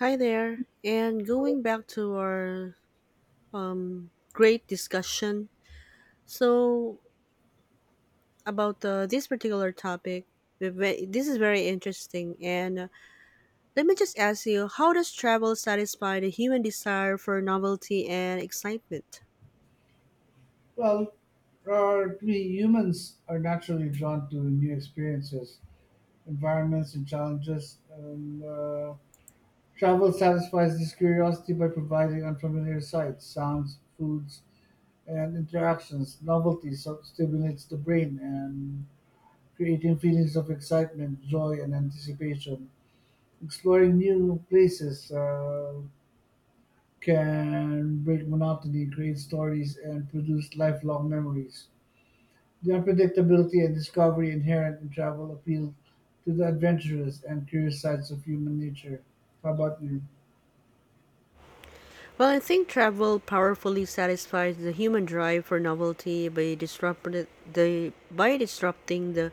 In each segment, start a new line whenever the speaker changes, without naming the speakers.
Hi there. And going back to our great discussion, so about this particular topic, this is very interesting. And Let me just ask you, how does travel satisfy the human desire for novelty and excitement?
Well, we humans are naturally drawn to new experiences, environments, and challenges. And Travel satisfies this curiosity by providing unfamiliar sights, sounds, foods, and interactions. Novelty stimulates the brain and creating feelings of excitement, joy, and anticipation. Exploring new places can break monotony, create stories, and produce lifelong memories. The unpredictability and discovery inherent in travel appeal to the adventurous and curious sides of human nature. How about you?
Well, I think travel powerfully satisfies the human drive for novelty by disrupting the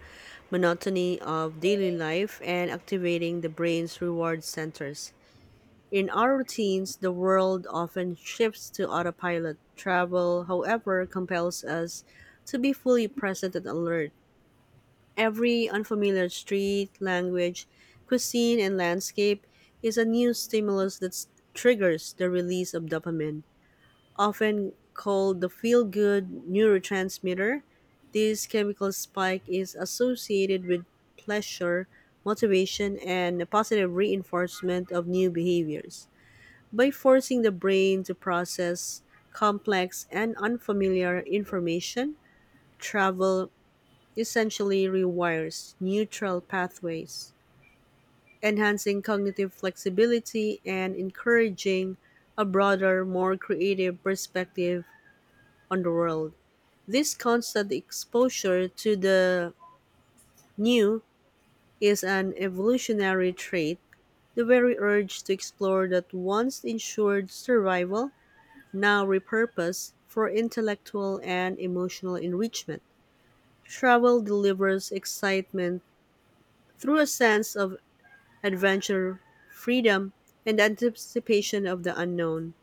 monotony of daily life and activating the brain's reward centers. In our routines, the world often shifts to autopilot. Travel, however, compels us to be fully present and alert. Every unfamiliar street, language, cuisine, and landscape is a new stimulus that triggers the release of dopamine, often called the feel good neurotransmitter. This chemical spike is associated with pleasure, motivation, and a positive reinforcement of new behaviors by forcing the brain to process complex and unfamiliar information. Travel essentially rewires neutral pathways, enhancing cognitive flexibility and encouraging a broader, more creative perspective on the world. This constant exposure to the new is an evolutionary trait, the very urge to explore that once ensured survival now repurposed for intellectual and emotional enrichment. Travel delivers excitement through a sense of adventure, freedom, and anticipation of the unknown.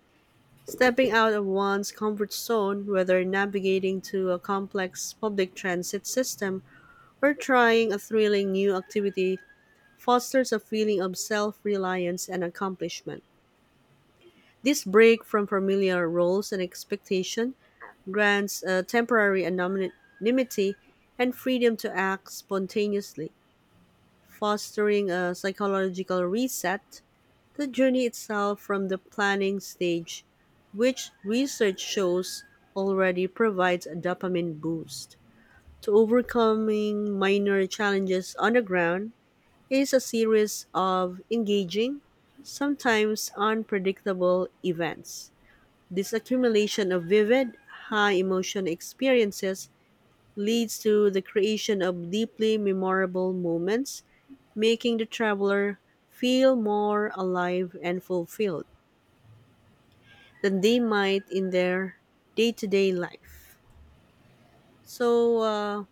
Stepping out of one's comfort zone, whether navigating to a complex public transit system or trying a thrilling new activity, fosters a feeling of self reliance and accomplishment. This break from familiar roles and expectation grants a temporary anonymity and freedom to act spontaneously, fostering a psychological reset. The journey itself, from the planning stage, which research shows already provides a dopamine boost, to overcoming minor challenges on the ground, is a series of engaging, sometimes unpredictable events. This accumulation of vivid, high emotion experiences leads to the creation of deeply memorable moments, making the traveler feel more alive and fulfilled than they might in their day to day life. So, uh,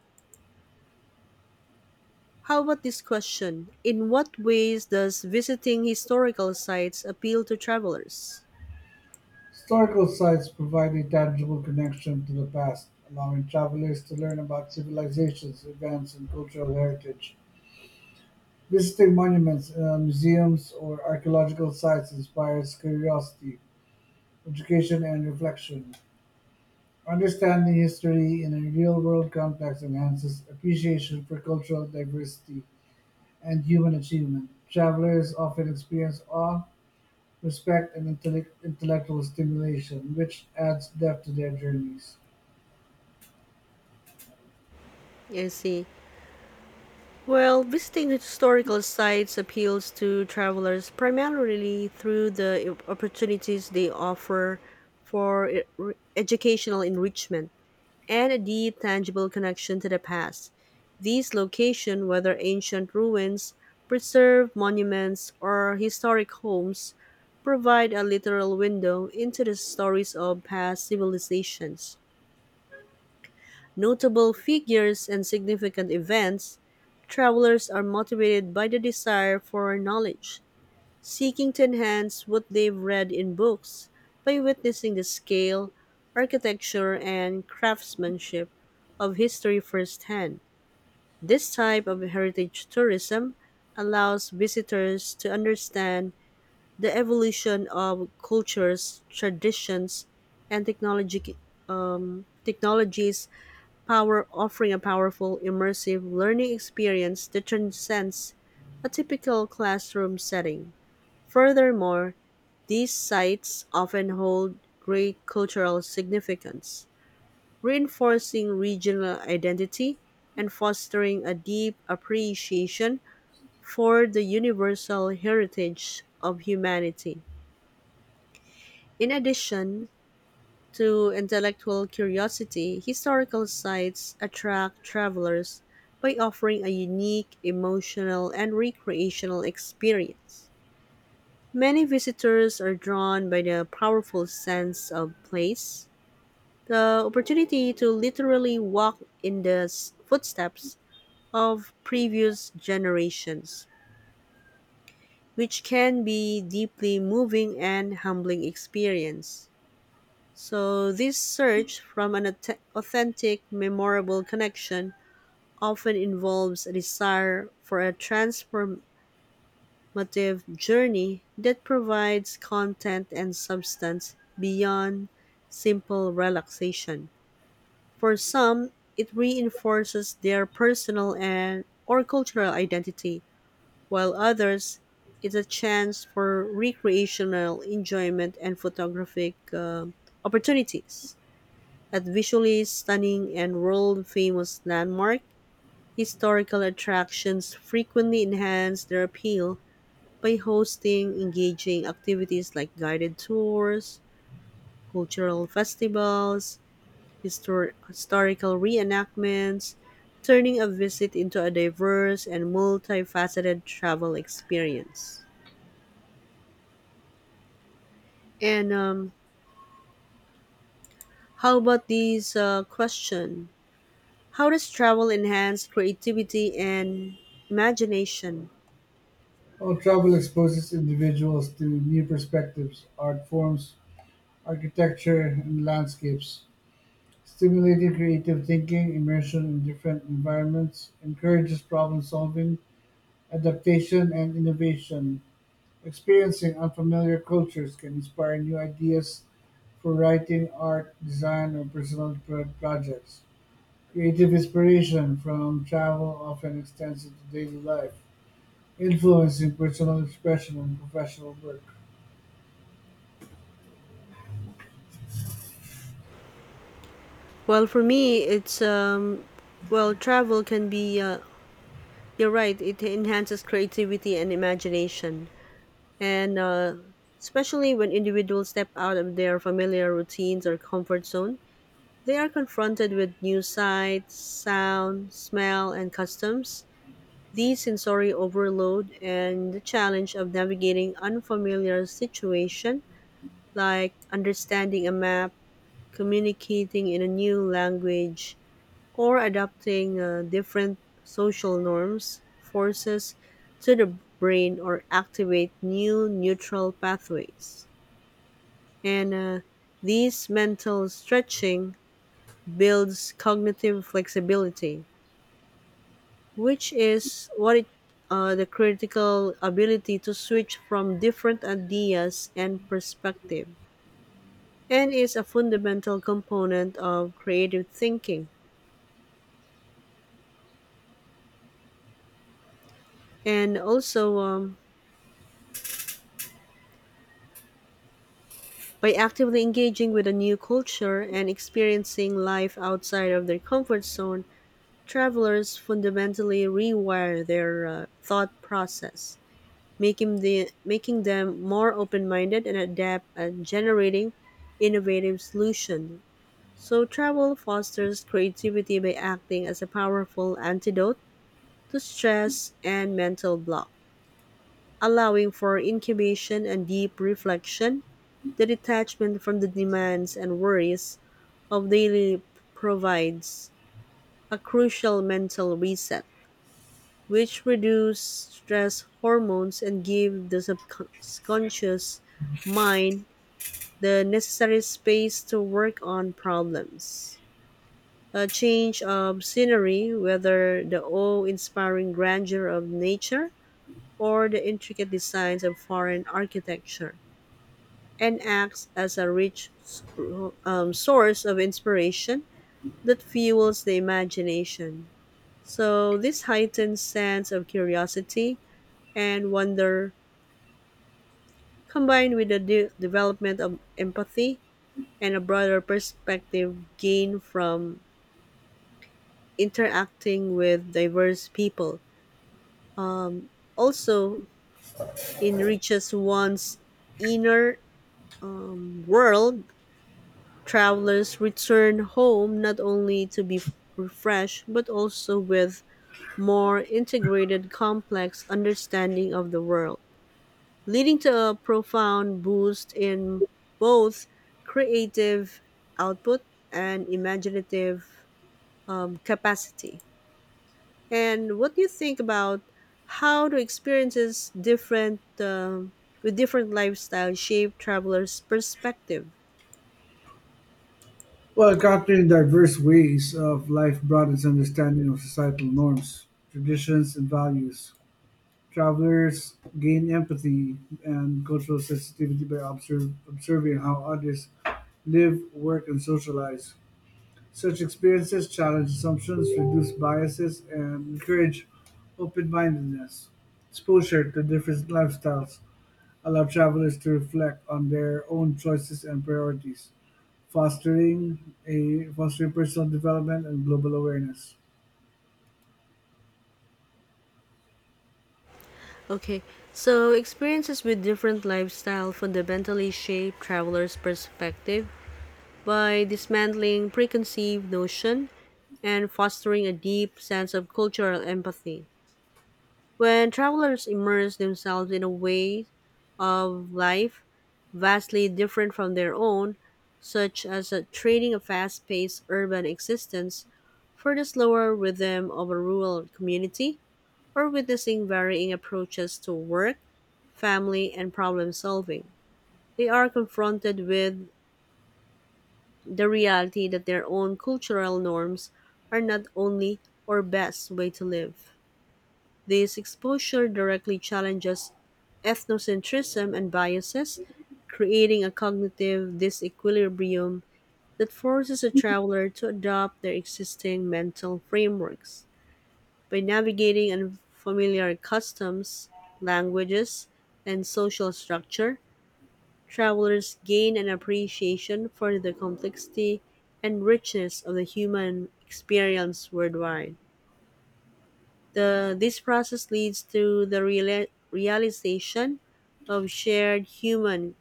how about this question? In what ways does visiting historical sites appeal to travelers?
Historical sites provide a tangible connection to the past, allowing travelers to learn about civilizations, events, and cultural heritage. Visiting monuments, museums, or archaeological sites inspires curiosity, education, and reflection. Understanding history in a real world context enhances appreciation for cultural diversity and human achievement, travelers often experience awe, respect, and intellectual stimulation, which adds depth to their journeys.
I see. Well, visiting historical sites appeals to travelers primarily through the opportunities they offer for educational enrichment and a deep, tangible connection to the past. These locations, whether ancient ruins, preserved monuments, or historic homes, provide a literal window into the stories of past civilizations, notable figures and significant events. Travelers are motivated by the desire for knowledge, seeking to enhance what they've read in books by witnessing the scale, architecture, and craftsmanship of history firsthand. This type of heritage tourism allows visitors to understand the evolution of cultures, traditions, and technology, technologies power offering a powerful, immersive learning experience that transcends a typical classroom setting. Furthermore, these sites often hold great cultural significance, reinforcing regional identity and fostering a deep appreciation for the universal heritage of humanity. In addition, to intellectual curiosity, historical sites attract travelers by offering a unique emotional and recreational experience. Many visitors are drawn by the powerful sense of place, the opportunity to literally walk in the footsteps of previous generations, which can be deeply moving and humbling experience. So, this search from an authentic, memorable connection often involves a desire for a transformative journey that provides content and substance beyond simple relaxation. For some, it reinforces their personal and or cultural identity, while others, it's a chance for recreational enjoyment and photographic opportunities. At visually stunning and world-famous landmark, historical attractions frequently enhance their appeal by hosting engaging activities like guided tours, cultural festivals, historical reenactments, turning a visit into a diverse and multifaceted travel experience. And How about this question? How does travel enhance creativity and imagination?
While travel exposes individuals to new perspectives, art forms, architecture, and landscapes, stimulating creative thinking, immersion in different environments, encourages problem solving, adaptation, and innovation, Experiencing unfamiliar cultures can inspire new ideas for writing, art, design, or projects. Creative inspiration from travel often extends into daily life, influencing personal expression and professional work.
Well, for me, it's well, travel can be. You're right. It enhances creativity and imagination, and especially when individuals step out of their familiar routines or comfort zone, they are confronted with new sights, sound, smell, and customs. These sensory overload and the challenge of navigating unfamiliar situation, like understanding a map, communicating in a new language, or adapting different social norms, forces to the brain, or activate new neutral pathways. And These mental stretching builds cognitive flexibility, which is what it the critical ability to switch from different ideas and perspective and is a fundamental component of creative thinking, and also by actively engaging with a new culture and experiencing life outside of their comfort zone, travelers fundamentally rewire their thought process, making, the, making them more open minded and adept at generating innovative solutions. So, travel fosters creativity by acting as a powerful antidote to stress and mental block, allowing for incubation and deep reflection. The detachment from the demands and worries of daily provides a crucial mental reset, which reduce stress hormones and give the subconscious mind the necessary space to work on problems. A change of scenery, whether the awe-inspiring grandeur of nature or the intricate designs of foreign architecture, and acts as a rich source of inspiration that fuels the imagination. So this heightened sense of curiosity and wonder, combined with the development of empathy and a broader perspective gained from interacting with diverse people, also enriches one's inner world. Travelers return home not only to be refreshed but also with more integrated complex understanding of the world, leading to a profound boost in both creative output and imaginative capacity. And what do you think about, how do experiences different with different lifestyles shape travelers' perspective?
Well, encountering diverse ways of life broadens understanding of societal norms, traditions, and values. Travelers gain empathy and cultural sensitivity by observing how others live, work, and socialize. Such experiences challenge assumptions, reduce biases, and encourage open mindedness. Exposure to different lifestyles allow travelers to reflect on their own choices and priorities, fostering personal development and global awareness.
Okay, so experiences with different lifestyle fundamentally shape travelers' perspective by dismantling preconceived notion and fostering a deep sense of cultural empathy. When travelers immerse themselves in a way of life vastly different from their own, such as a trading a fast paced urban existence for the slower rhythm of a rural community, or witnessing varying approaches to work, family, and problem solving. They are confronted with the reality that their own cultural norms are not only or best way to live. This exposure directly challenges ethnocentrism and biases, creating a cognitive disequilibrium that forces a traveler to adopt their existing mental frameworks. By navigating unfamiliar customs, languages, and social structure, travelers gain an appreciation for the complexity and richness of the human experience worldwide. This process leads to the realization of shared human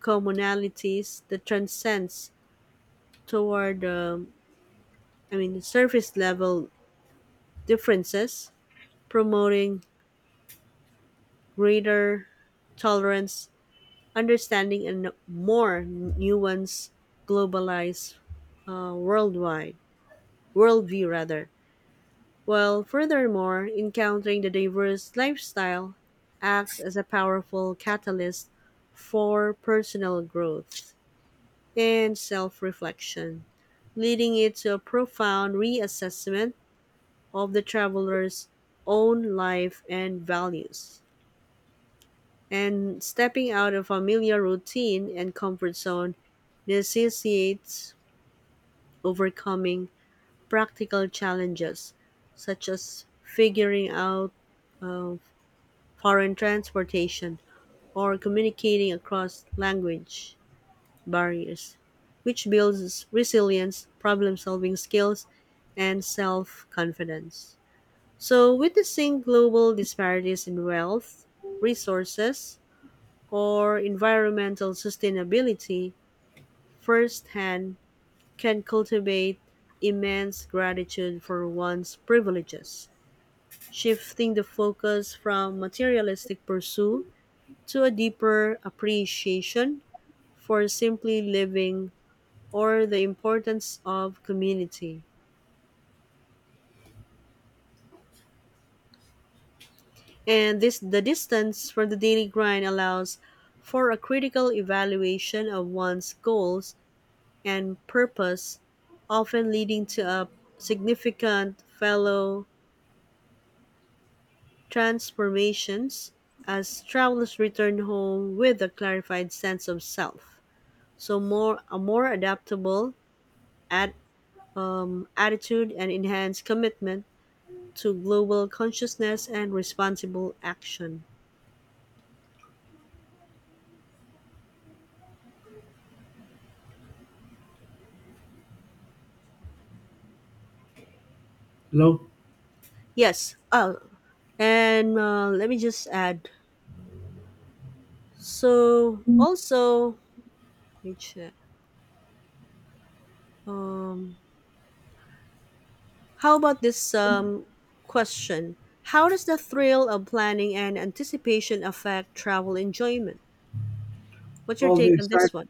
commonalities that transcends toward, um, surface level differences, promoting greater tolerance, understanding, and more nuanced, globalized, worldwide worldview rather, while furthermore encountering the diverse lifestyle acts as a powerful catalyst for personal growth and self reflection, leading it to a profound reassessment of the traveler's own life and values. And stepping out of familiar routine and comfort zone necessitates overcoming practical challenges, such as figuring out uh, foreign transportation or communicating across language barriers, which builds resilience, problem solving skills, and self confidence. So, witnessing global disparities in wealth, resources, or environmental sustainability firsthand can cultivate immense gratitude for one's privileges shifting the focus from materialistic pursuit to a deeper appreciation for simply living or the importance of community. And this the distance from the daily grind allows for a critical evaluation of one's goals and purpose, often leading to a significant fellow transformations as travelers return home with a clarified sense of self. So more a more adaptable at attitude and enhanced commitment to global consciousness and responsible action.
Hello?
Yes. And Let me just add. So also, let me check. Um, how about this question? How does the thrill of planning and anticipation affect travel enjoyment? What's your
All the
take on
excitement.
this one?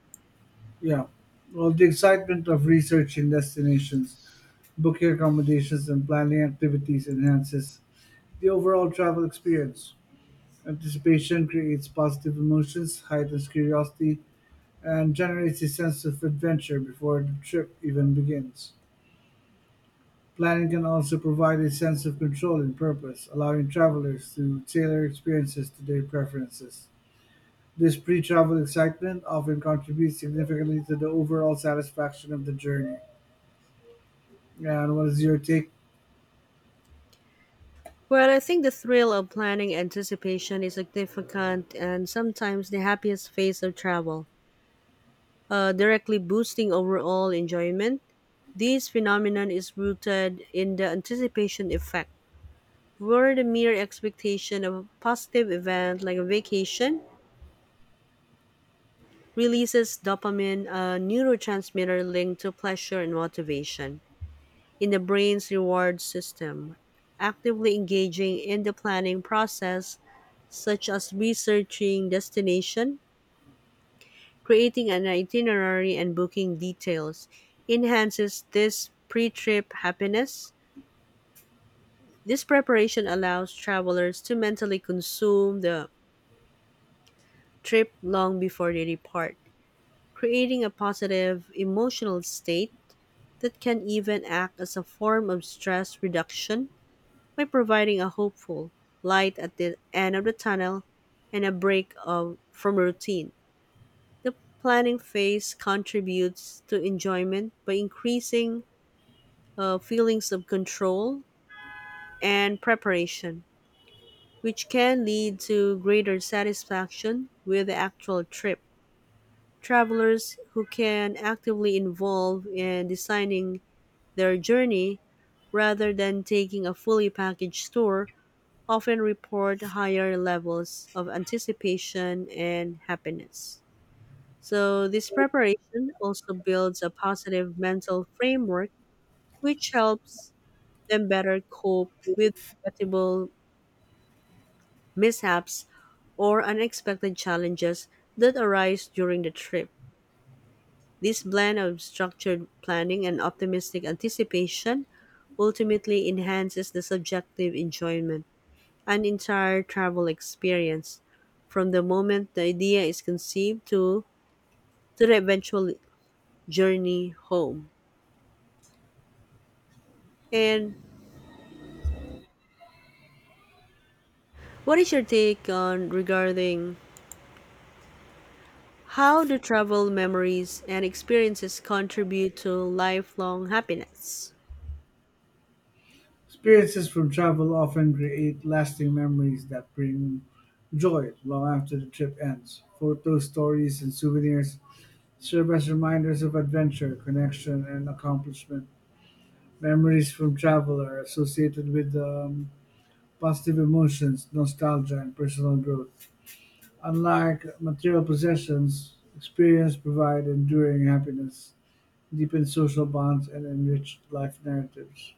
Yeah. Well, the excitement of researching destinations, booking accommodations, and planning activities enhances the overall travel experience. Anticipation creates positive emotions, heightens curiosity, and generates a sense of adventure before the trip even begins. Planning can also provide a sense of control and purpose, allowing travelers to tailor experiences to their preferences. This pre travel excitement often contributes significantly to the overall satisfaction of the journey. And what is your take?
Well, I think the thrill of planning anticipation is significant and sometimes the happiest phase of travel, directly boosting overall enjoyment. This phenomenon is rooted in the anticipation effect, where the mere expectation of a positive event like a vacation releases dopamine, a neurotransmitter linked to pleasure and motivation, in the brain's reward system. Actively engaging in the planning process such as researching destination, creating an itinerary and booking details, enhances this pre-trip happiness. This preparation allows travelers to mentally consume the trip long before they depart, creating a positive emotional state that can even act as a form of stress reduction by providing a hopeful light at the end of the tunnel and a break of, from routine. The planning phase contributes to enjoyment by increasing feelings of control and preparation, which can lead to greater satisfaction with the actual trip. Travelers who can actively involve in designing their journey rather than taking a fully packaged tour often report higher levels of anticipation and happiness. So, this preparation also builds a positive mental framework, which helps them better cope with inevitable mishaps or unexpected challenges that arise during the trip. This blend of structured planning and optimistic anticipation ultimately enhances the subjective enjoyment and entire travel experience from the moment the idea is conceived to the eventual journey home. And what is your take on regarding, how do travel memories and experiences contribute to lifelong happiness?
Experiences from travel often create lasting memories that bring joy long after the trip ends. Photos, stories, and souvenirs serve as reminders of adventure, connection, and accomplishment. Memories from travel are associated with positive emotions, nostalgia, and personal growth. Unlike material possessions, experience provide enduring happiness, deepen social bonds, and enrich life narratives.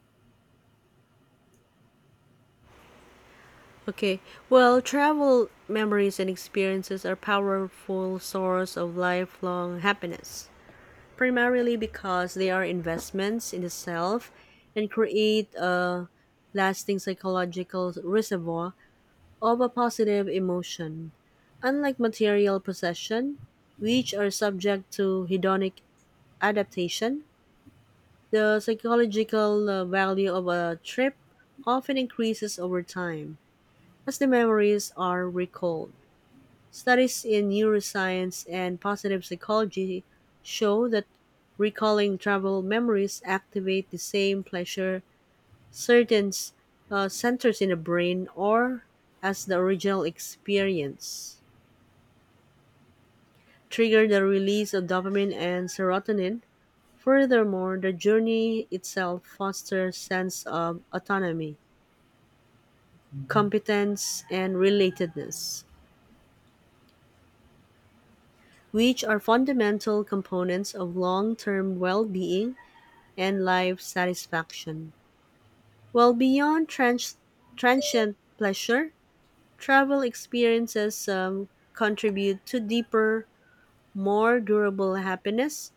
Okay, well, travel memories and experiences are powerful source of lifelong happiness, primarily because they are investments in the self and create a lasting psychological reservoir of a positive emotion. Unlike material possession, which are subject to hedonic adaptation, the psychological value of a trip often increases over time as the memories are recalled. Studies in neuroscience and positive psychology show that recalling travel memories activate the same pleasure certain centers in the brain or as the original experience trigger the release of dopamine and serotonin. Furthermore, the journey itself fosters sense of autonomy, competence, and relatedness, which are fundamental components of long-term well-being and life satisfaction. While beyond transient pleasure, travel experiences contribute to deeper, more durable happiness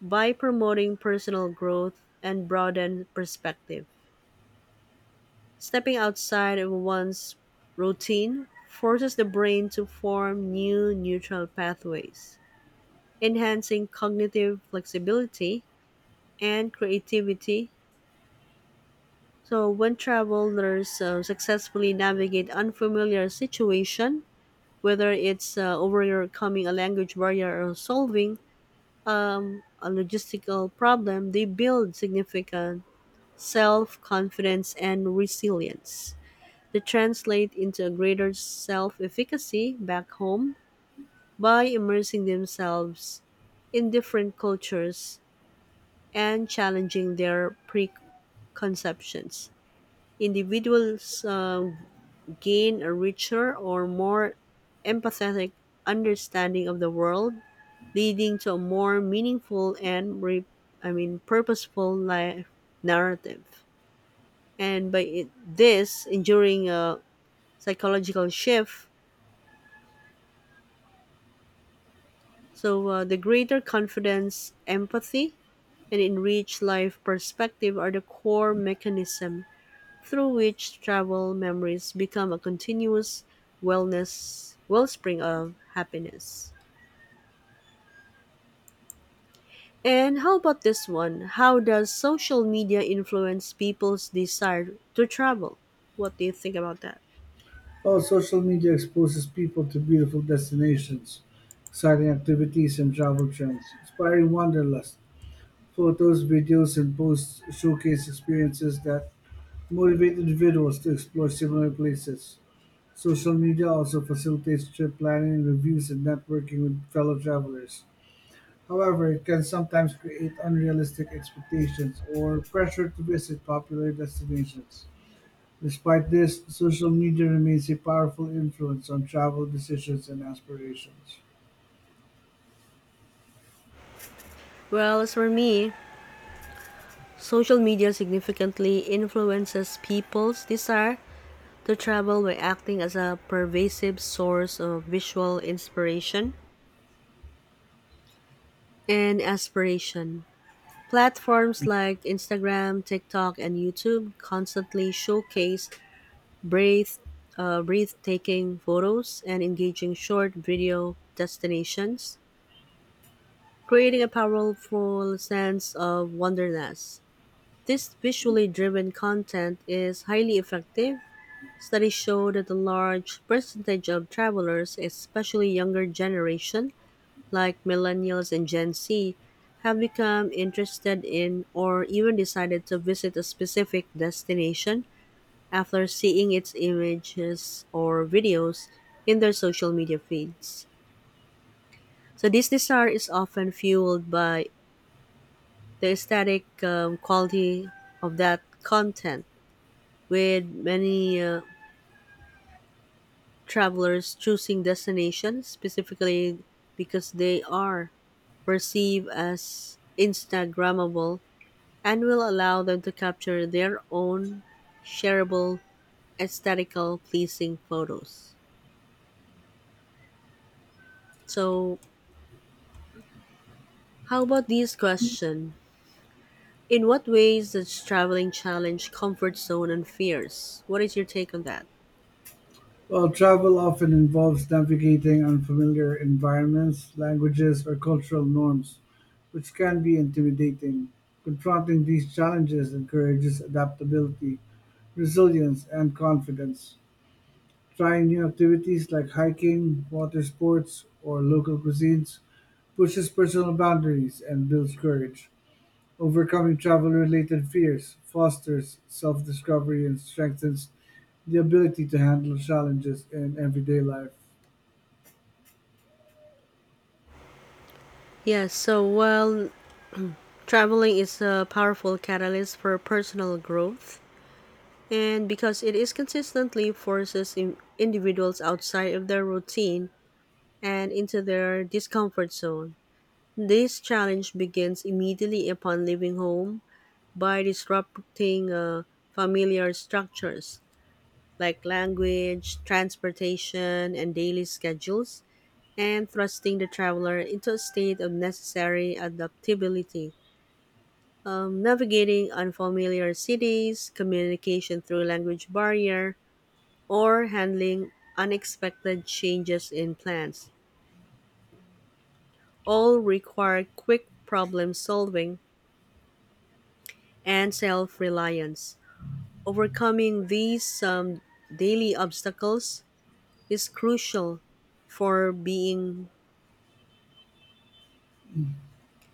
by promoting personal growth and broadened perspective. Stepping outside of one's routine forces the brain to form new neural pathways, enhancing cognitive flexibility and creativity. So when travelers successfully navigate unfamiliar situation, whether it's overcoming a language barrier or solving a logistical problem, they build significant self-confidence and resilience. They translate into a greater self efficacy back home by immersing themselves in different cultures and challenging their preconceptions. Individuals gain a richer or more empathetic understanding of the world, leading to a more meaningful and I mean purposeful life narrative. And by it, this enduring a psychological shift. So the greater confidence, empathy, and enriched life perspective are the core mechanism through which travel memories become a continuous wellness wellspring of happiness. And how about this one? How does social media influence people's desire to travel? What do you think about that?
While social media exposes people to beautiful destinations, exciting activities, and travel trends, inspiring wanderlust. Photos, videos, and posts showcase experiences that motivate individuals to explore similar places. Social media also facilitates trip planning, reviews, and networking with fellow travelers. However, it can sometimes create unrealistic expectations or pressure to visit popular destinations. Despite this, social media remains a powerful influence on travel decisions and aspirations.
Well, as for me, social media significantly influences people's desire to travel by acting as a pervasive source of visual inspiration and aspiration. Platforms like Instagram, TikTok, and YouTube constantly showcase breath, breathtaking photos and engaging short video destinations, creating a powerful sense of wonderness. This visually driven content is highly effective. Studies show that a large percentage of travelers, especially younger generation like millennials and Gen Z, have become interested in or even decided to visit a specific destination after seeing its images or videos in their social media feeds. So this desire is often fueled by the aesthetic quality of that content, with many travelers choosing destinations specifically because they are perceived as Instagrammable and will allow them to capture their own shareable, aesthetical, pleasing photos. So, how about this question? In what ways does traveling challenge comfort zone and fears? What is your take on that?
While travel often involves navigating unfamiliar environments, languages, or cultural norms, which can be intimidating, confronting these challenges encourages adaptability, resilience, and confidence. Trying new activities like hiking, water sports, or local cuisines pushes personal boundaries and builds courage. Overcoming travel-related fears fosters self-discovery and strengthens the ability to handle challenges in everyday life.
Yes, so while traveling is a powerful catalyst for personal growth, and because it is consistently forces individuals outside of their routine and into their discomfort zone. This challenge begins immediately upon leaving home by disrupting familiar structures like language, transportation, and daily schedules, and thrusting the traveler into a state of necessary adaptability. Navigating unfamiliar cities, communication through language barrier, or handling unexpected changes in plans, all require quick problem solving and self reliance. Overcoming these daily obstacles is crucial for being,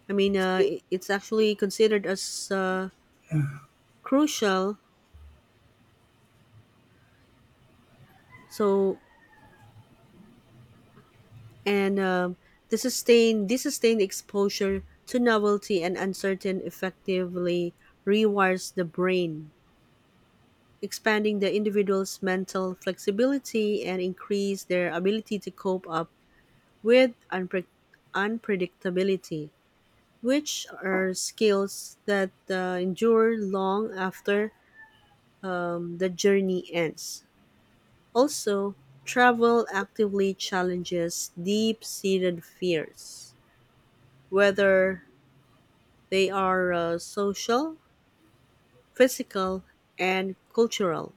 I mean, it's actually considered as uh, crucial. So, and this sustained exposure to novelty and uncertain effectively rewires the brain expanding the individual's mental flexibility and increase their ability to cope up with unpredictability, which are skills that endure long after the journey ends. Also, travel actively challenges deep seated fears, whether they are social, physical, and cultural.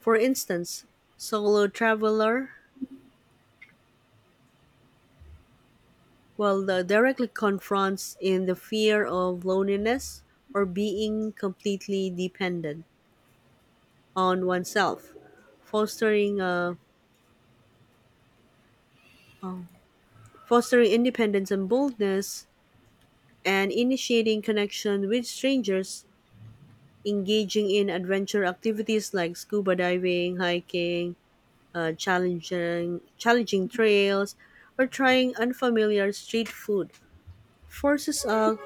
For instance, solo traveler. Well, the directly confronts in the fear of loneliness or being completely dependent on oneself, fostering a um, fostering independence and boldness, and initiating connection with strangers, engaging in adventure activities like scuba diving, hiking, challenging trails, or trying unfamiliar street food forces a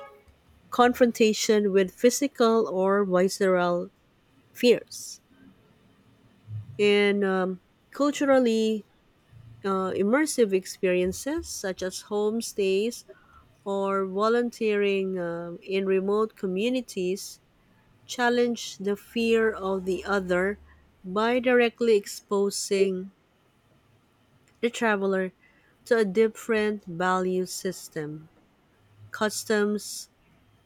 confrontation with physical or visceral fears and culturally immersive experiences such as homestays or volunteering in remote communities challenge the fear of the other by directly exposing the traveler to a different value system, customs,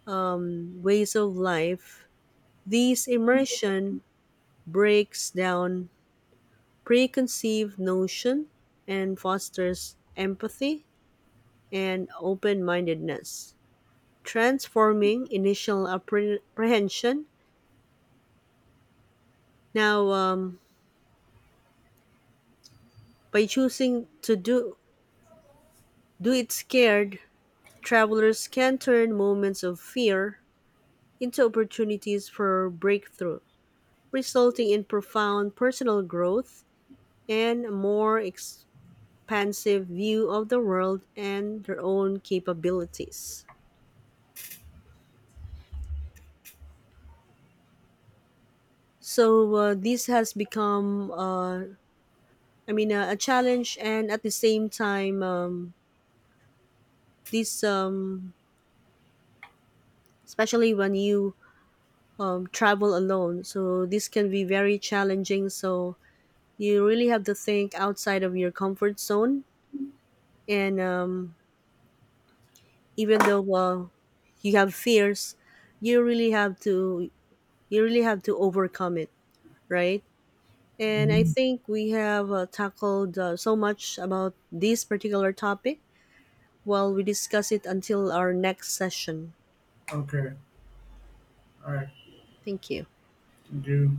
ways of life. These immersion breaks down preconceived notion and fosters empathy and open mindedness, transforming initial apprehension. Now, by do it scared, travelers can turn moments of fear into opportunities for breakthrough, resulting in profound personal growth and a more expansive view of the world and their own capabilities. So this has become, a challenge, and at the same time, this, um, especially when you travel alone, so this can be very challenging. So you really have to think outside of your comfort zone, and even though you have fears, you really have to overcome it, right? And I
Mhm.
think we have tackled so much about this particular topic while we discuss it until our next session.
Okay. All right.
Thank you.
Thank you.